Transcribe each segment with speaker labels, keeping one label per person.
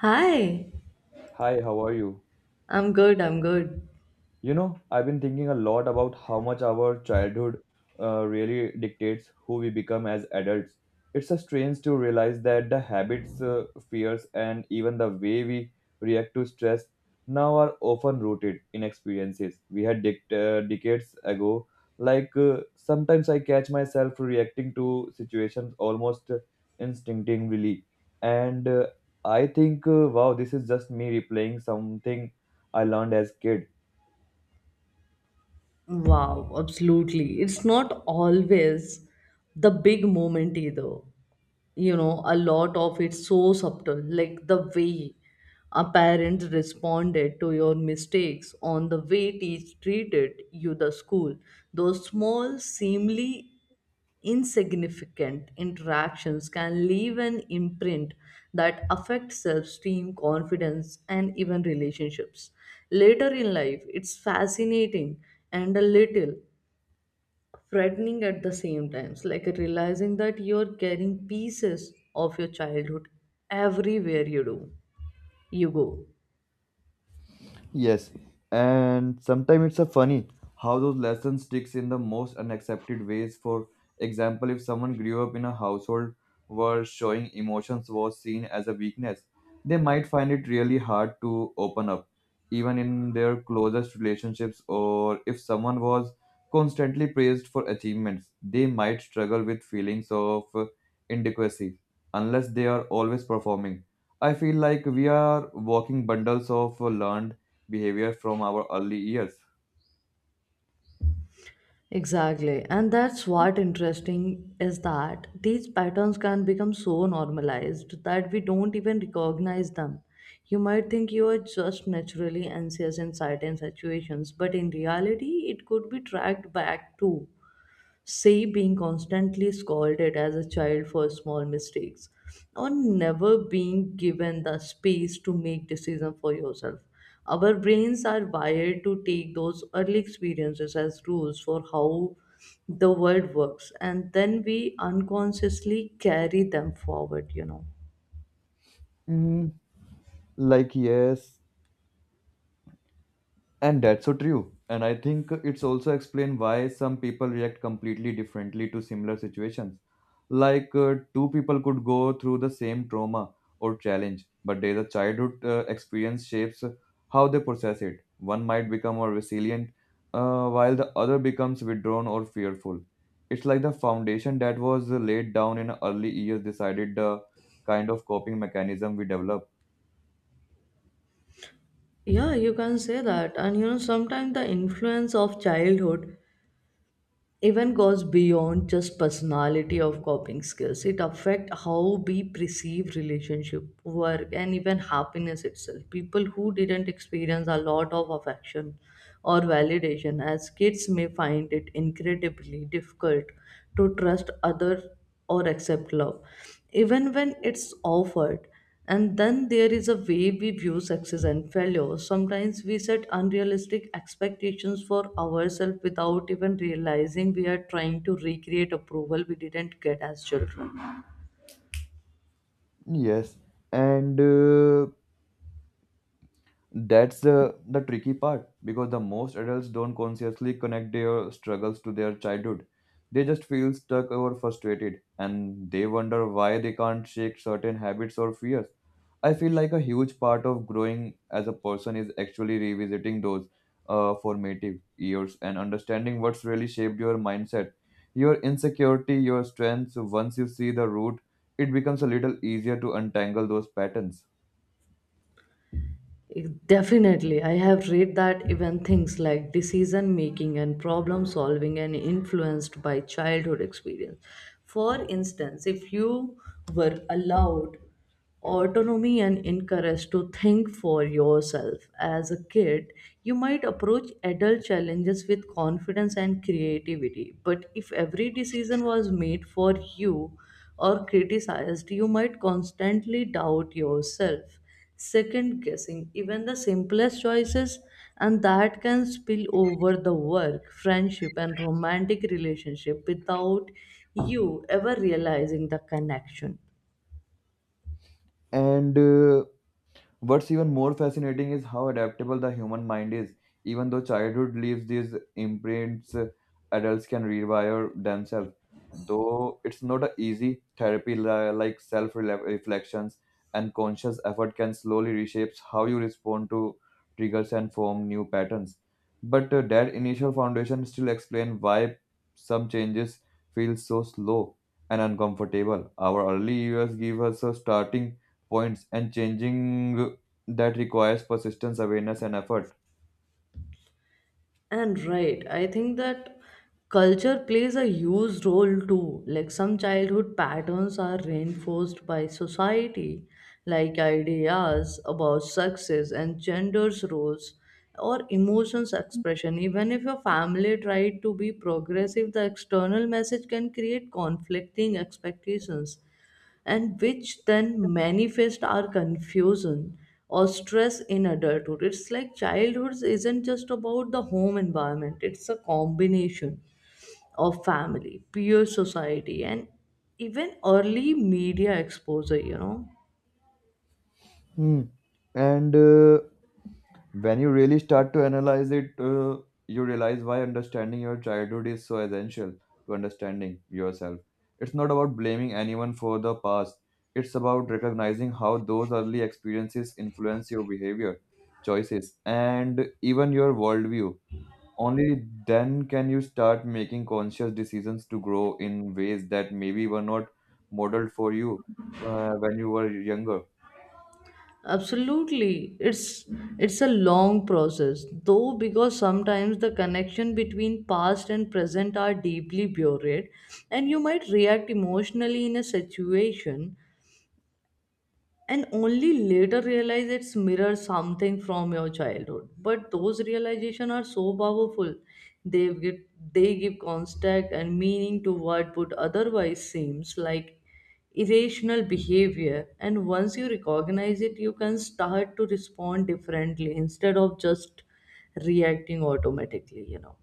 Speaker 1: Hi,
Speaker 2: Hi, how are you?
Speaker 1: I'm good, I'm good.
Speaker 2: You know, I've been thinking a lot about how much our childhood really dictates who we become as adults. It's a strange to realize that the habits, fears, and even the way we react to stress now are often rooted in experiences we had decades ago. Like sometimes I catch myself reacting to situations almost instinctively, and I think, wow, this is just me replaying something I learned as kid.
Speaker 1: Wow, absolutely. It's not always the big moment either. You know, a lot of it's so subtle, like the way our parents responded to your mistakes on the way teach treated you the school. Those small, seemingly insignificant interactions can leave an imprint that affects self-esteem, confidence, and even relationships. Later in life, it's fascinating and a little frightening at the same time. It's like realizing that you're carrying pieces of your childhood everywhere you go.
Speaker 2: Yes, and sometimes it's a funny how those lessons sticks in the most unaccepted ways. For example, if someone grew up in a household where showing emotions was seen as a weakness, they might find it really hard to open up, even in their closest relationships. Or if someone was constantly praised for achievements, they might struggle with feelings of inadequacy unless they are always performing. I feel like we are walking bundles of learned behavior from our early years.
Speaker 1: Exactly. And that's what interesting is that these patterns can become so normalized that we don't even recognize them. You might think you are just naturally anxious in certain situations, but in reality, it could be tracked back to, say, being constantly scolded as a child for small mistakes or never being given the space to make decisions for yourself. Our brains are wired to take those early experiences as rules for how the world works, and then we unconsciously carry them forward, you know.
Speaker 2: Mm, like yes, and that's so true. And I think it's also explained why some people react completely differently to similar situations. Like two people could go through the same trauma or challenge, but their childhood experience shapes how they process it. One might become more resilient, while the other becomes withdrawn or fearful. It's like the foundation that was laid down in early years decided the kind of coping mechanism we develop.
Speaker 1: Yeah, you can say that. And you know, sometimes the influence of childhood even goes beyond just personality of coping skills. It affect how we perceive relationship work and even happiness itself. People who didn't experience a lot of affection or validation as kids may find it incredibly difficult to trust other or accept love even when it's offered. And then there is a way we view success and failure. Sometimes we set unrealistic expectations for ourselves without even realizing we are trying to recreate approval we didn't get as children.
Speaker 2: Yes, and that's the tricky part because the most adults don't consciously connect their struggles to their childhood. They just feel stuck or frustrated and they wonder why they can't shake certain habits or fears. I feel like a huge part of growing as a person is actually revisiting those formative years and understanding what's really shaped your mindset, your insecurity, your strengths. Once you see the root, it becomes a little easier to untangle those patterns.
Speaker 1: Definitely, I have read that even things like decision making and problem solving are influenced by childhood experience. For instance, if you were allowed autonomy and encouraged to think for yourself as a kid, you might approach adult challenges with confidence and creativity. But if every decision was made for you or criticized, you might constantly doubt yourself, second guessing even the simplest choices, and that can spill over the work, friendship, and romantic relationship without you ever realizing the connection.
Speaker 2: And what's even more fascinating is how adaptable the human mind is. Even though childhood leaves these imprints, adults can rewire themselves. Though it's not a easy therapy like self reflections and conscious effort can slowly reshape how you respond to triggers and form new patterns. But that initial foundation still explains why some changes feel so slow and uncomfortable. Our early years give us a starting points and changing that requires persistence, awareness, and effort.
Speaker 1: And right, I think that culture plays a huge role too. Like some childhood patterns are reinforced by society, like ideas about success and gender's roles or emotions expression. Even if your family tried to be progressive, the external message can create conflicting expectations and which then manifest our confusion or stress in adulthood. It's like childhood isn't just about the home environment, it's a combination of family, peer society, and even early media exposure, you know.
Speaker 2: Hmm. And when you really start to analyze it, you realize why understanding your childhood is so essential to understanding yourself. It's not about blaming anyone for the past, it's about recognizing how those early experiences influence your behavior, choices, and even your worldview. Only then can you start making conscious decisions to grow in ways that maybe were not modeled for you when you were younger.
Speaker 1: Absolutely. It's a long process, though, because sometimes the connection between past and present are deeply buried, and you might react emotionally in a situation and only later realize it's mirrors something from your childhood. But those realizations are so powerful. they give they give context and meaning to what would otherwise seems like irrational behavior, and once you recognize it, you can start to respond differently instead of just reacting automatically, you know.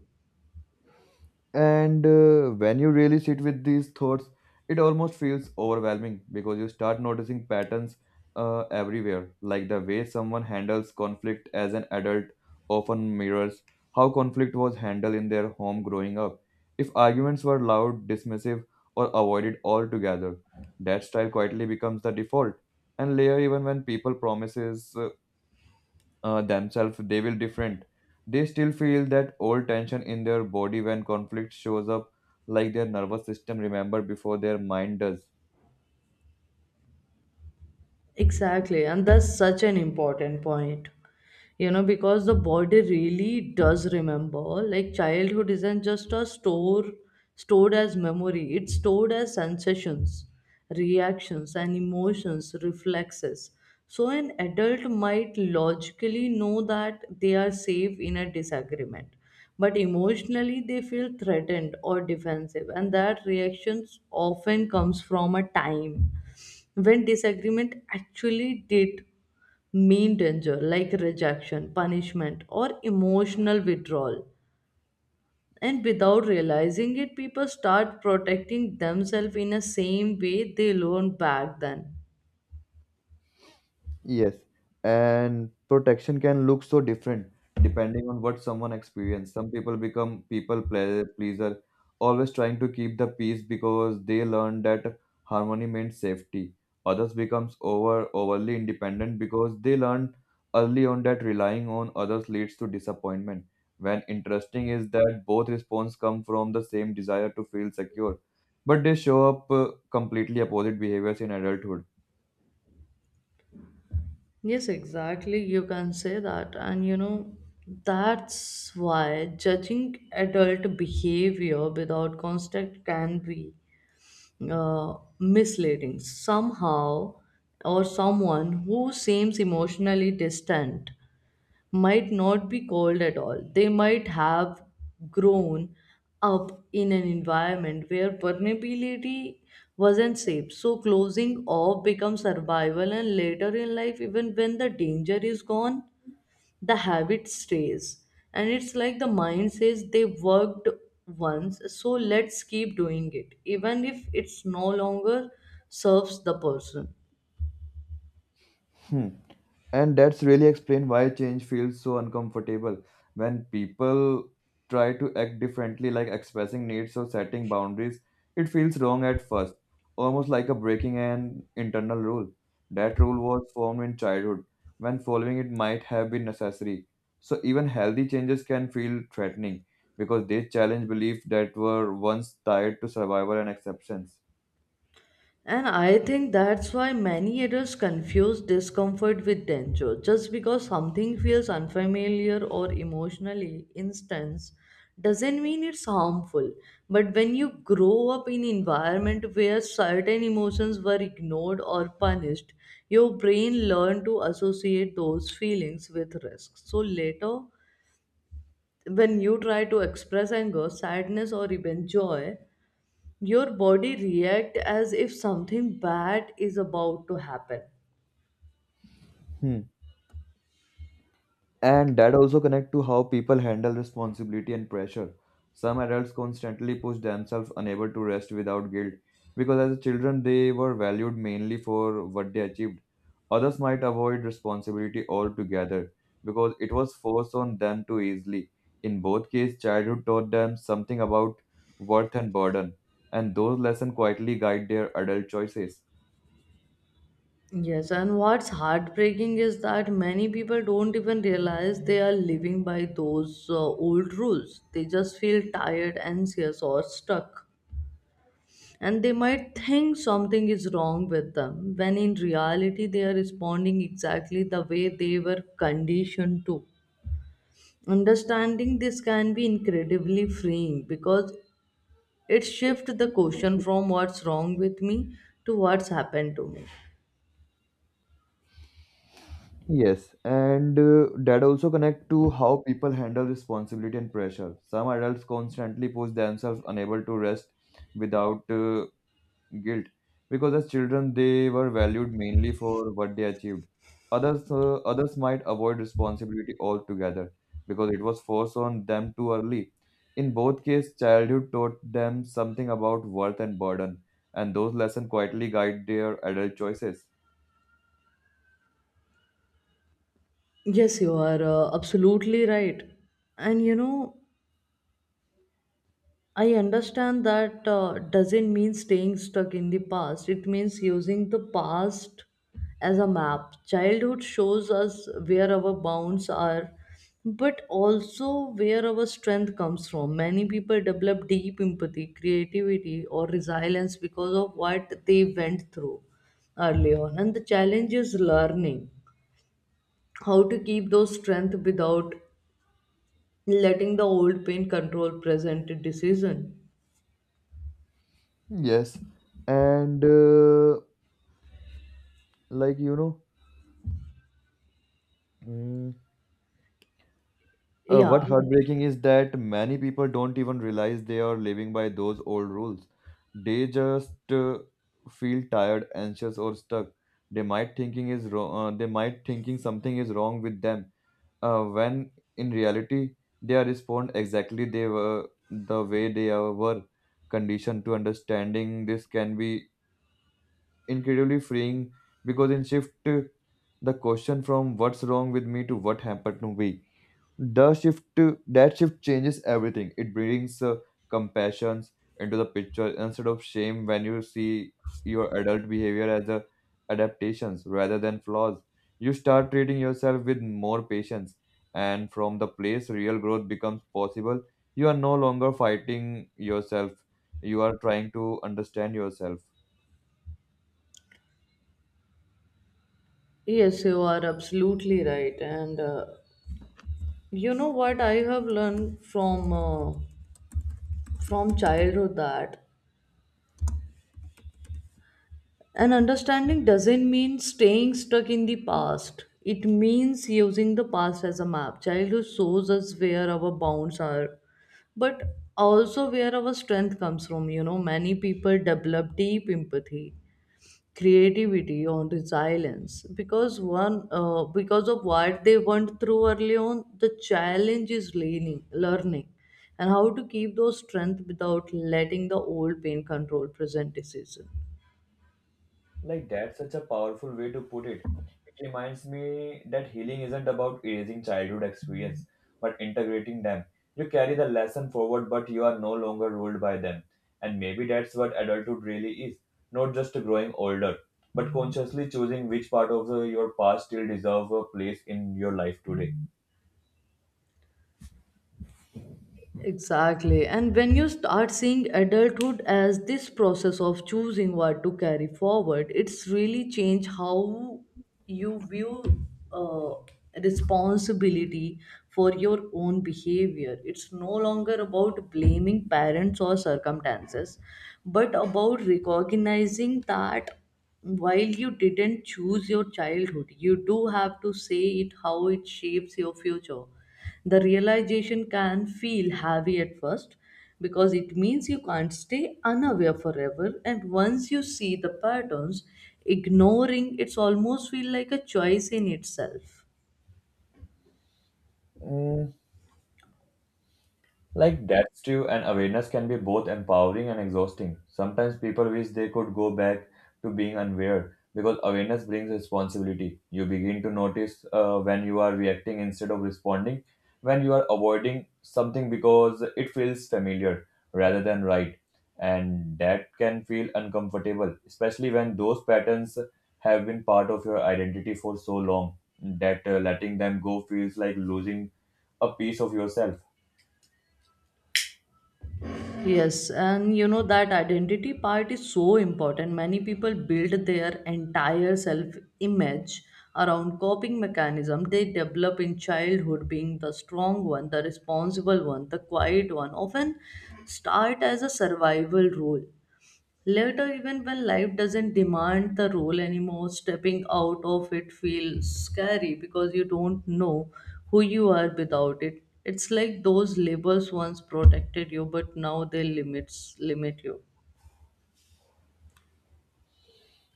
Speaker 2: And when you really sit with these thoughts, it almost feels overwhelming because you start noticing patterns everywhere, like the way someone handles conflict as an adult often mirrors how conflict was handled in their home growing up. If arguments were loud, dismissive, or avoided altogether, that style quietly becomes the default. And later, even when people promises themselves they will different, they still feel that old tension in their body when conflict shows up, like their nervous system remember before their mind does.
Speaker 1: Exactly, and that's such an important point. You know, because the body really does remember. Like childhood isn't just a store stored as memory, it's stored as sensations, reactions, and emotions, reflexes. So an adult might logically know that they are safe in a disagreement, but emotionally they feel threatened or defensive, and that reaction often comes from a time when disagreement actually did mean danger, like rejection, punishment, or emotional withdrawal. And without realizing it, people start protecting themselves in the same way they learned back then.
Speaker 2: Yes, and protection can look so different depending on what someone experiences. Some people become people pleaser, always trying to keep the peace because they learn that harmony means safety. Others becomes overly independent because they learn early on that relying on others leads to disappointment. When interesting is that both responses come from the same desire to feel secure, but they show up completely opposite behaviors in adulthood.
Speaker 1: Yes, exactly. You can say that. And you know, that's why judging adult behavior without context can be, misleading. Somehow, or someone who seems emotionally distant might not be cold at all. They might have grown up in an environment where vulnerability wasn't safe. So closing off becomes survival, and later in life, even when the danger is gone, the habit stays. And it's like the mind says they worked once, so let's keep doing it even if it's no longer serves the person.
Speaker 2: Hmm. And that's really explain why change feels so uncomfortable when people try to act differently, like expressing needs or setting boundaries. It feels wrong at first, almost like a breaking an internal rule. That rule was formed in childhood when following it might have been necessary, so even healthy changes can feel threatening because they challenge beliefs that were once tied to survival and acceptance.
Speaker 1: And I think that's why many adults confuse discomfort with danger. Just because something feels unfamiliar or emotionally intense doesn't mean it's harmful. But when you grow up in environment where certain emotions were ignored or punished, your brain learn to associate those feelings with risk. So later, when you try to express anger, sadness, or even joy, your body react as if something bad is about to happen.
Speaker 2: Hmm. And that also connect to how people handle responsibility and pressure. Some adults constantly push themselves unable to rest without guilt because as children they were valued mainly for what they achieved. Others might avoid responsibility altogether because it was forced on them too easily. In both cases, childhood taught them something about worth and burden, and those lessons quietly guide their adult choices.
Speaker 1: Yes, and what's heartbreaking is that many people don't even realize they are living by those old rules. They just feel tired, anxious, or stuck, and they might think something is wrong with them when in reality they are responding exactly the way they were conditioned to. Understanding this can be incredibly freeing, because it shifts the question from what's wrong with me to what's happened to me.
Speaker 2: Yes, and that also connect to how people handle responsibility and pressure. Some adults constantly push themselves unable to rest without guilt because as children they were valued mainly for what they achieved. Others might avoid responsibility altogether because it was forced on them too early. In both cases, childhood taught them something about worth and burden, and those lessons quietly guide their adult choices.
Speaker 1: Yes, you are absolutely right. And you know, I understand that doesn't mean staying stuck in the past. It means using the past as a map. Childhood shows us where our bounds are, but also where our strength comes from. Many people develop deep empathy, creativity, or resilience because of what they went through early on. And the challenge is learning how to keep those strength without letting the old pain control present decision.
Speaker 2: Yes, and like, mm,
Speaker 1: Yeah.
Speaker 2: what heartbreaking is that many people don't even realize they are living by those old rules. They just feel tired, anxious, or stuck. They might thinking is wrong. They might thinking something is wrong with them. When in reality, they are respond exactly they were the way they were conditioned to understanding. This can be incredibly freeing because in shift, uh, the question from what's wrong with me to what happened to me. That shift changes everything. It brings compassion into the picture instead of shame when you see your adult behavior as a adaptations rather than flaws. You start treating yourself with more patience, and from the place real growth becomes possible. You are no longer fighting yourself. You are trying to understand yourself.
Speaker 1: Yes, you are absolutely right. And you know what I have learned from from childhood that an understanding doesn't mean staying stuck in the past. It means using the past as a map. Childhood shows us where our bounds are, but also where our strength comes from. You know, many people develop deep empathy, creativity on resilience because one because of what they went through early on. The challenge is learning and how to keep those strength without letting the old pain control present decision.
Speaker 2: Like that's such a powerful way to put it. It reminds me that healing isn't about erasing childhood experience, but integrating them. You carry the lesson forward, but you are no longer ruled by them. And maybe that's what adulthood really is, not just growing older, but consciously choosing which part of your past still deserve a place in your life today.
Speaker 1: Exactly. And when you start seeing adulthood as this process of choosing what to carry forward, it's really changed how you view, uh, responsibility for your own behavior. It's no longer about blaming parents or circumstances, but about recognizing that while you didn't choose your childhood, you do have to say it how it shapes your future. The realization can feel heavy at first, because it means you can't stay unaware forever, and once you see the patterns, ignoring it's almost feel like a choice in itself.
Speaker 2: Like that's true, and awareness can be both empowering and exhausting. Sometimes people wish they could go back to being unaware because awareness brings responsibility. You begin to notice when you are reacting instead of responding, when you are avoiding something because it feels familiar rather than right, and that can feel uncomfortable, especially when those patterns have been part of your identity for so long that letting them go feels like losing a piece of yourself.
Speaker 1: Yes, and you know, that identity part is so important. Many people build their entire self image around coping mechanism they develop in childhood. Being the strong one, the responsible one, the quiet one often start as a survival role. Later, even when life doesn't demand the role anymore, stepping out of it feels scary because you don't know who you are without it. It's like those labels once protected you, but now they limit you.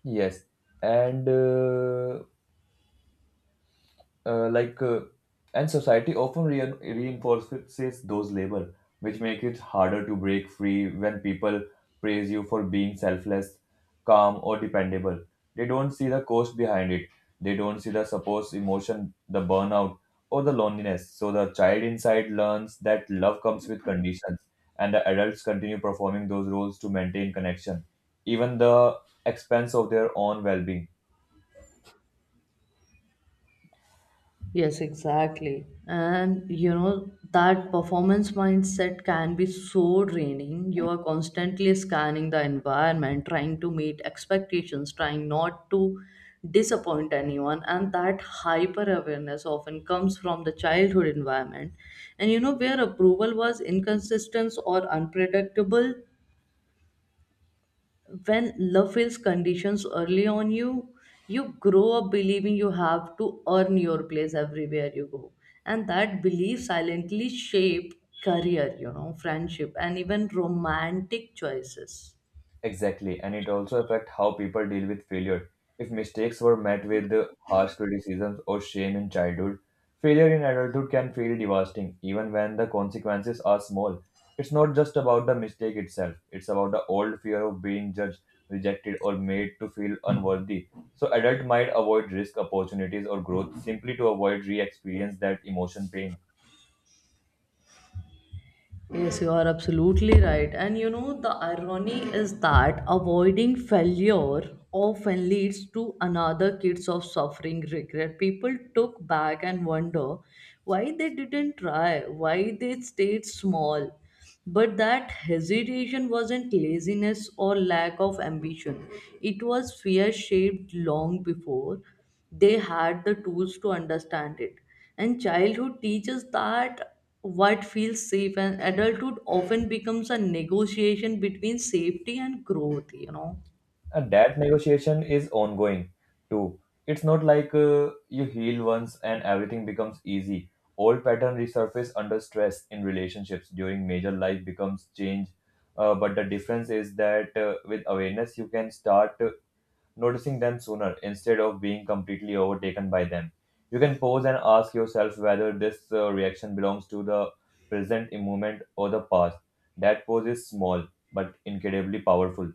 Speaker 2: Yes, and uh, uh, like uh, and society often reinforces those labels, which make it harder to break free when people praise you for being selfless, calm, or dependable. They don't see the cost behind it. They don't see the supposed emotion, the burnout, or the loneliness. So the child inside learns that love comes with conditions, and the adults continue performing those roles to maintain connection, even the expense of their own well-being.
Speaker 1: Yes, exactly. And you know, that performance mindset can be so draining. You are constantly scanning the environment, trying to meet expectations, trying not to disappoint anyone. And that hyper awareness often comes from the childhood environment. And you know, where approval was inconsistent or unpredictable, when love feels conditions early on, you grow up believing you have to earn your place everywhere you go, and that belief silently shape career, you know, friendship and even romantic choices.
Speaker 2: Exactly, and it also affects how people deal with failure. If mistakes were met with harsh criticisms or shame in childhood, failure in adulthood can feel devastating, even when the consequences are small. It's not just about the mistake itself, it's about the old fear of being judged, rejected, or made to feel unworthy. So, adults might avoid risk, opportunities, or growth simply to avoid re experience that emotion pain.
Speaker 1: Yes, you are absolutely right. And you know, the irony is that avoiding failure often leads to another kids of suffering regret. People took back and wonder why they didn't try, why they stayed small. But that hesitation wasn't laziness or lack of ambition, it was fear shaped long before they had the tools to understand it. And childhood teaches that what feels safe and adulthood often becomes a negotiation between safety and growth, you know.
Speaker 2: And that negotiation is ongoing too. It's not like you heal once and everything becomes easy. Old pattern resurface under stress in relationships during major life becomes change. But the difference is that with awareness, you can start noticing them sooner instead of being completely overtaken by them. You can pause and ask yourself whether this reaction belongs to the present moment or the past. That pause is small but incredibly powerful.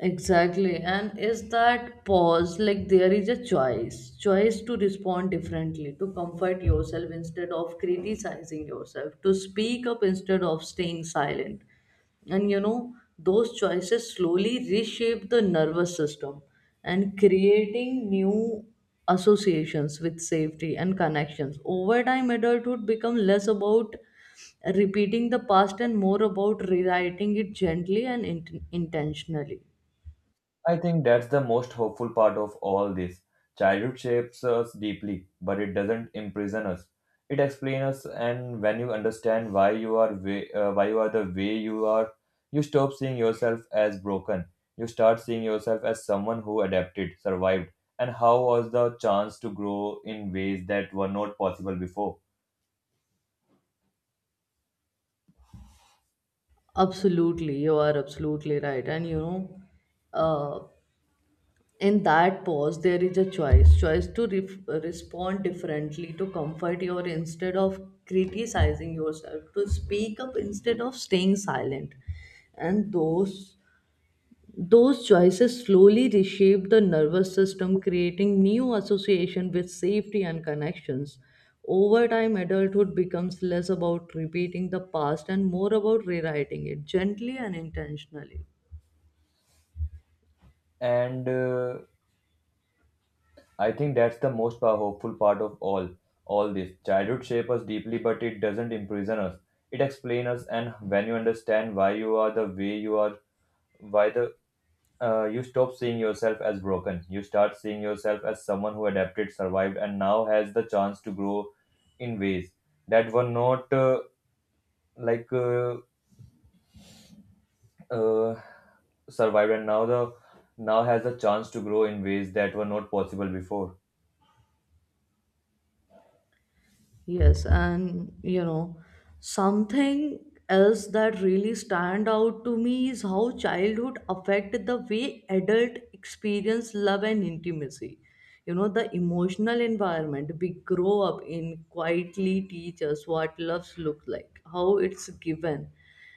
Speaker 1: Exactly. And is that pause like there is a choice to respond differently, to comfort yourself instead of criticizing yourself, to speak up instead of staying silent. And you know, those choices slowly reshape the nervous system and creating new associations with safety and connections. Over time, adulthood becomes less about repeating the past and more about rewriting it gently and intentionally.
Speaker 2: I think that's the most hopeful part of all this. Childhood shapes us deeply, but it doesn't imprison us. It explains us, and when you understand why you are the way you are, you stop seeing yourself as broken. You start seeing yourself as someone who adapted, survived, and how was the chance to grow in ways that were not possible before.
Speaker 1: Absolutely, you are absolutely right. And you know, uh, in that pause, there is a choice to ref respond differently, to comfort your instead of criticizing yourself, to speak up instead of staying silent. And those choices slowly reshape the nervous system, creating new association with safety and connections. Over time, adulthood becomes less about repeating the past and more about rewriting it gently and intentionally.
Speaker 2: And I think that's the most hopeful part of all this. Childhood shapes us deeply, but it doesn't imprison us. It explains us, and when you understand why you are the way you are, why the you stop seeing yourself as broken. You start seeing yourself as someone who adapted, survived, and now has the chance to grow in ways that were not like uh, survived, and now has the chance to grow in ways that were not possible before.
Speaker 1: Yes, and you know, something else that really stand out to me is how childhood affect the way adult experience love and intimacy. You know, the emotional environment we grow up in quietly teach us what loves look like, how it's given,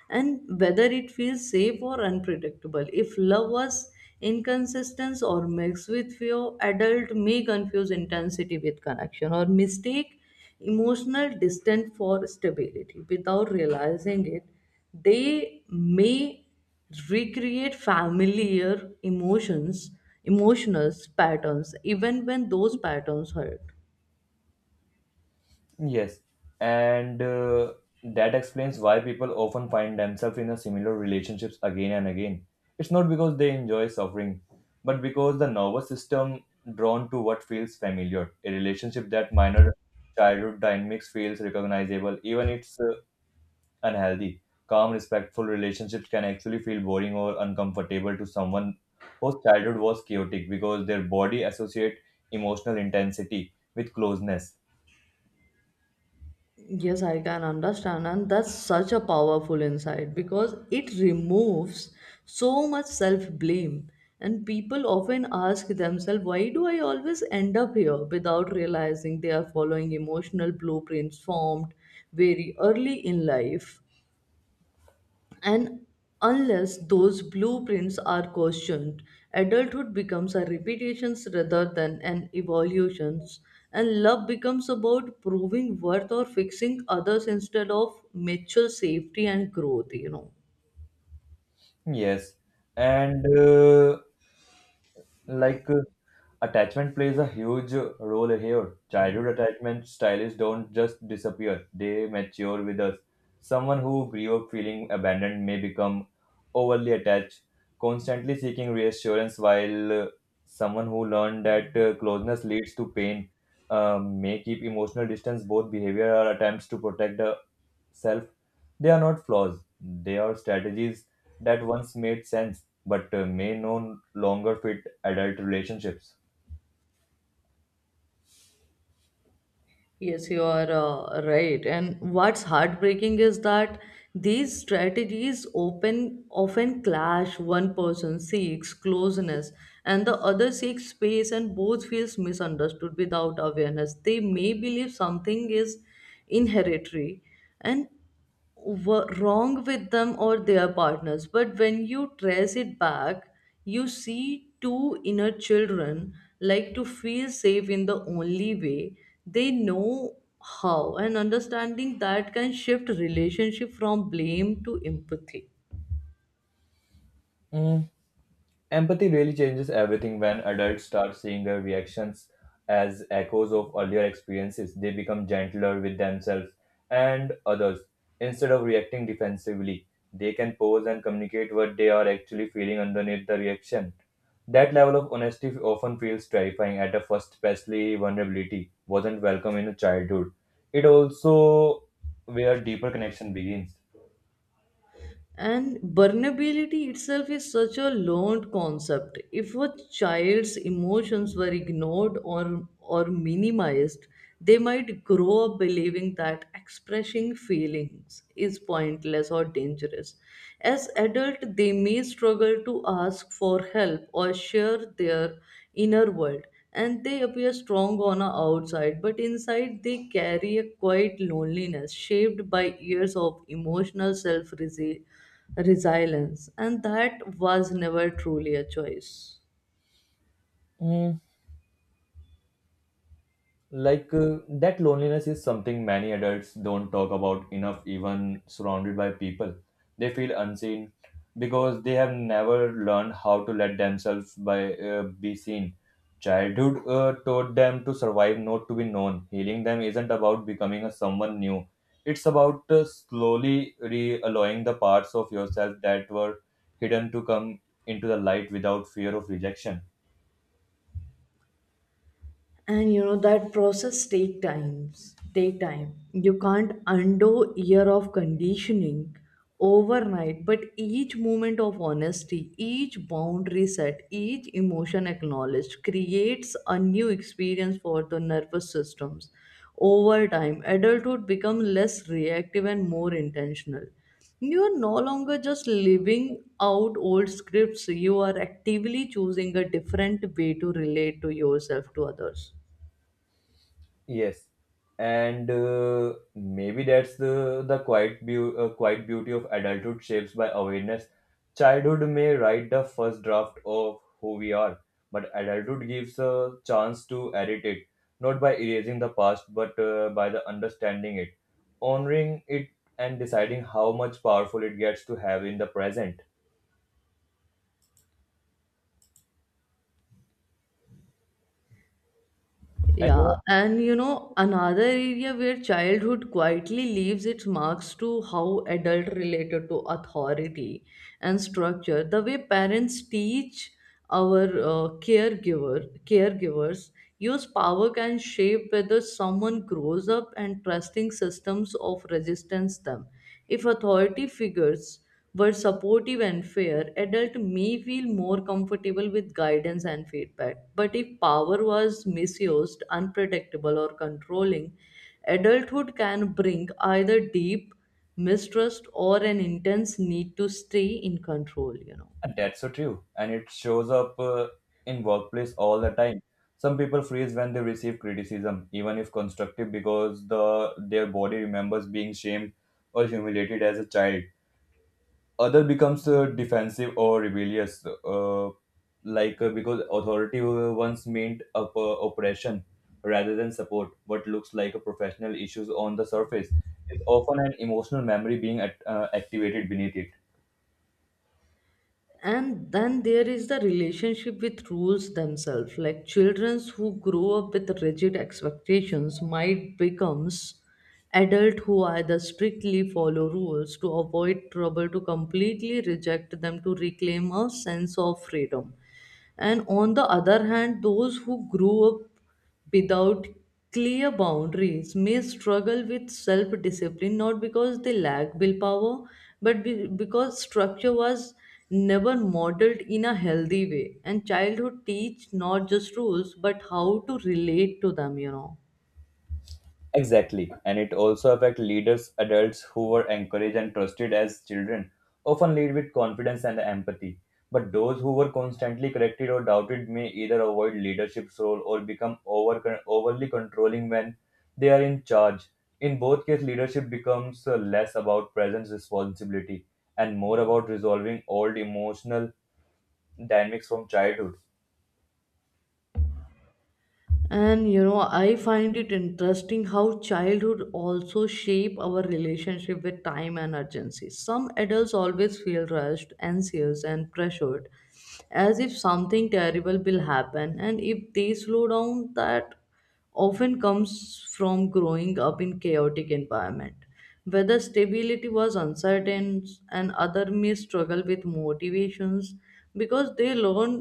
Speaker 1: and whether it feels safe or unpredictable. If love was inconsistent or mixed with fear, adult may confuse intensity with connection or mistake emotional distance for stability without realizing it. They may recreate familiar emotions, emotional patterns, even when those patterns hurt.
Speaker 2: Yes, and that explains why people often find themselves in a similar relationships again and again. It's not because they enjoy suffering, but because the nervous system drawn to what feels familiar. A relationship that minor childhood dynamics feels recognizable, even it's unhealthy. Calm, respectful relationships can actually feel boring or uncomfortable to someone whose childhood was chaotic because their body associate emotional intensity with closeness.
Speaker 1: Yes, I can understand, and that's such a powerful insight because it removes so much self blame. And people often ask themselves, why do I always end up here without realizing they are following emotional blueprints formed very early in life? And unless those blueprints are questioned, adulthood becomes a repetition rather than an evolution, and love becomes about proving worth or fixing others instead of mutual safety and growth, you know.
Speaker 2: Yes, and like uh, attachment plays a huge role here. Childhood attachment styles don't just disappear, they mature with us. Someone who grew up feeling abandoned may become overly attached, constantly seeking reassurance, while someone who learned that closeness leads to pain may keep emotional distance. Both behavior are attempts to protect self, they are not flaws. They are strategies that once made sense but may no longer fit adult relationships.
Speaker 1: Yes, you are right. And what's heartbreaking is that these strategies open often clash. One person seeks closeness and the other seeks space, and both feels misunderstood without awareness. They may believe something is inheritary and were wrong with them or their partners. But when you trace it back, you see two inner children like to feel safe in the only way they know how, and understanding that can shift relationship from blame to empathy.
Speaker 2: Mm, empathy really changes everything when adults start seeing their reactions as echoes of earlier experiences. They become gentler with themselves and others. Instead of reacting defensively, they can pause and communicate what they are actually feeling underneath the reaction. That level of honesty often feels terrifying at a first, especially vulnerability wasn't welcome in childhood. It also where deeper connection begins.
Speaker 1: And vulnerability itself is such a learned concept. If a child's emotions were ignored or minimized, they might grow up believing that expressing feelings is pointless or dangerous. As adult, they may struggle to ask for help or share their inner world and they appear strong on the outside, but inside they carry a quiet loneliness shaped by years of emotional self resilience, and that was never truly a choice.
Speaker 2: Mm, that loneliness is something many adults don't talk about enough, even surrounded by people. They feel unseen because they have never learned how to let themselves by be seen. Childhood taught them to survive, not to be known. Healing them isn't about becoming a someone new. It's about slowly re-allowing the parts of yourself that were hidden to come into the light without fear of rejection.
Speaker 1: And you know that process take time. You can't undo year of conditioning overnight, but each moment of honesty, each boundary set, each emotion acknowledged creates a new experience for the nervous systems. Over time adulthood become less reactive and more intentional. You are no longer just living out old scripts, you are actively choosing a different way to relate to yourself to others.
Speaker 2: Yes, and maybe that's the quiet beauty of adulthood shapes by awareness. Childhood may write the first draft of who we are, but adulthood gives a chance to edit it, not by erasing the past, but by the understanding it, honoring it, and deciding how much powerful it gets to have in the present. And you know,
Speaker 1: Yeah, and you know, another area where childhood quietly leaves its marks to how adult related to authority and structure. The way parents teach our caregivers use power can shape whether someone grows up and trusting systems of resistance them. If authority figures were supportive and fair, adult may feel more comfortable with guidance and feedback. But if power was misused, unpredictable, or controlling, adulthood can bring either deep mistrust or an intense need to stay in control, you know.
Speaker 2: that's so true. And it shows up in workplace all the time. Some people freeze when they receive criticism, even if constructive, because their body remembers being shamed or humiliated as a child. Other becomes defensive or rebellious, because authority once meant oppression rather than support. What looks like a professional issues on the surface is often an emotional memory being activated beneath it.
Speaker 1: And then there is the relationship with rules themselves, like children who grow up with rigid expectations might becomes adult who either strictly follow rules to avoid trouble to completely reject them to reclaim a sense of freedom. And on the other hand, those who grow up without clear boundaries may struggle with self discipline, not because they lack willpower but because structure was never modeled in a healthy way. And childhood teach not just rules but how to relate to them, you know.
Speaker 2: Exactly, and it also affect leaders. Adults who were encouraged and trusted as children often lead with confidence and empathy. But those who were constantly corrected or doubted may either avoid leadership's role or become overly controlling when they are in charge. In both cases, leadership becomes less about presence responsibility and more about resolving old emotional dynamics from childhood.
Speaker 1: And you know, I find it interesting how childhood also shape our relationship with time and urgency. Some adults always feel rushed, anxious, and pressured, as if something terrible will happen. And if they slow down, that often comes from growing up in chaotic environment whether stability was uncertain. And other may struggle with motivations because they learn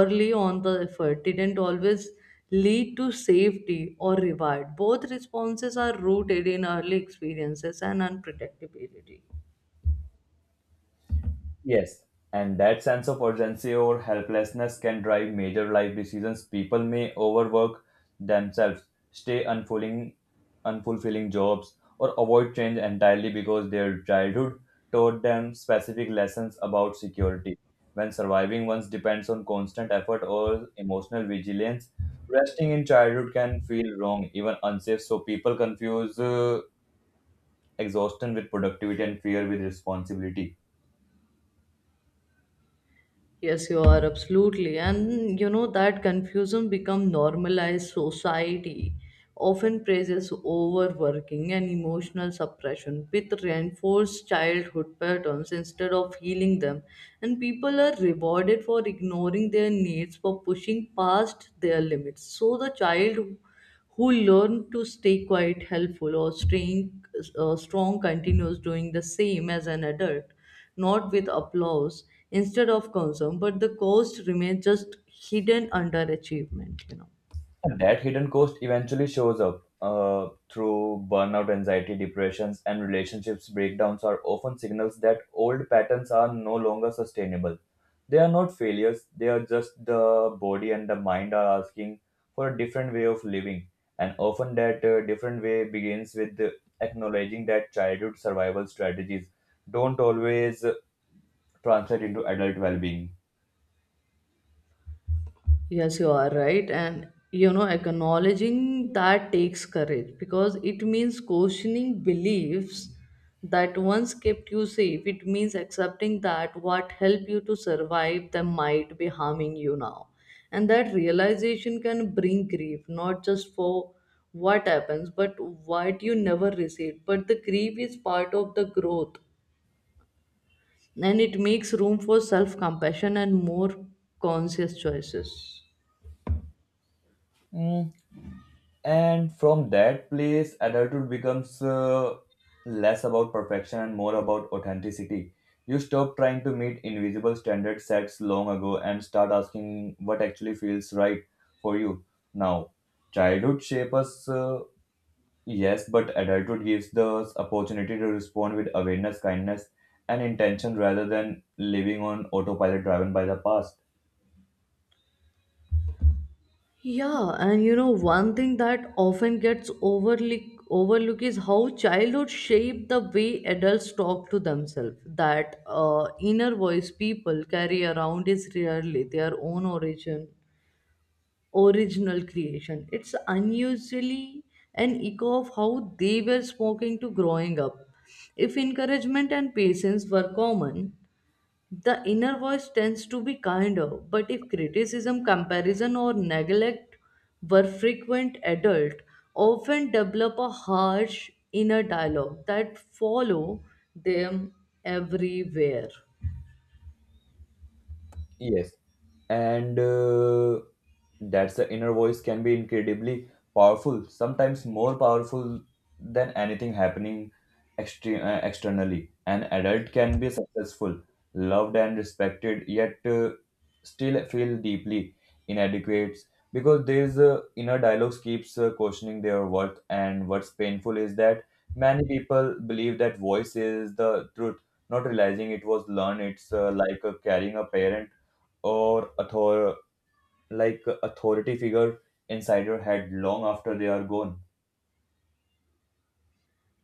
Speaker 1: early on the effort didn't always lead to safety or reward. Both responses are rooted in early experiences and unpredictability.
Speaker 2: Yes, and that sense of urgency or helplessness can drive major life decisions. People may overwork themselves, stay unfulfilling jobs, or avoid change entirely because their childhood taught them specific lessons about security. When surviving once depends on constant effort or emotional vigilance, resting in childhood can feel wrong, even unsafe. So people confuse exhaustion with productivity and fear with responsibility.
Speaker 1: Yes, you are absolutely. And you know that confusion become normalized society often praises overworking and emotional suppression with reinforced childhood patterns instead of healing them. And people are rewarded for ignoring their needs for pushing past their limits. So the child who learn to stay quite helpful or staying strong continues doing the same as an adult, not with applause instead of concern, but the cost remains just hidden under achievement, you know.
Speaker 2: That hidden cost eventually shows up through burnout, anxiety, depressions, and relationships breakdowns are often signals that old patterns are no longer sustainable. They are not failures, they are just the body and the mind are asking for a different way of living. And often that different way begins with acknowledging that childhood survival strategies don't always translate into adult well being.
Speaker 1: Yes, you are right. And you know, acknowledging that takes courage because it means questioning beliefs that once kept you safe. It means accepting that what helped you to survive them might be harming you now. And that realization can bring grief, not just for what happens, but what you never received. But the grief is part of the growth and it makes room for self compassion and more conscious choices.
Speaker 2: And from that place, adulthood becomes less about perfection and more about authenticity. You stop trying to meet invisible standards set long ago and start asking what actually feels right for you now. Childhood shapes us, yes, but adulthood gives us opportunity to respond with awareness, kindness, and intention rather than living on autopilot driven by the past.
Speaker 1: Yeah, and you know, one thing that often gets overly overlooked is how childhood shape the way adults talk to themselves. That inner voice people carry around is rarely their own origin, original creation. It's unusually an echo of how they were spoken to growing up. If encouragement and patience were common, the inner voice tends to be kinder, but if criticism, comparison, or neglect were frequent, adult often develop a harsh inner dialogue that follow them everywhere.
Speaker 2: Yes. And That's the inner voice can be incredibly powerful, sometimes more powerful than anything happening externally. An adult can be successful, loved, and respected, yet still feel deeply inadequate because there's inner dialogues keeps questioning their worth. And what's painful is that many people believe that voice is the truth, not realizing it was learned. It's carrying a parent or author like a authority figure inside your head long after they are gone.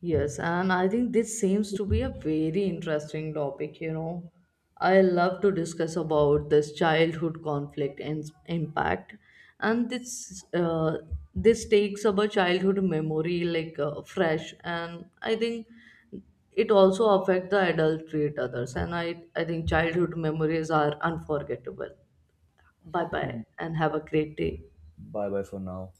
Speaker 1: Yes, and I think this seems to be a very interesting topic, you know. I love to discuss about this childhood conflict and impact, and this takes up a childhood memory like fresh, and I think it also affect the adult treat others, and I think childhood memories are unforgettable. Bye bye, and have a great day.
Speaker 2: Bye bye for now.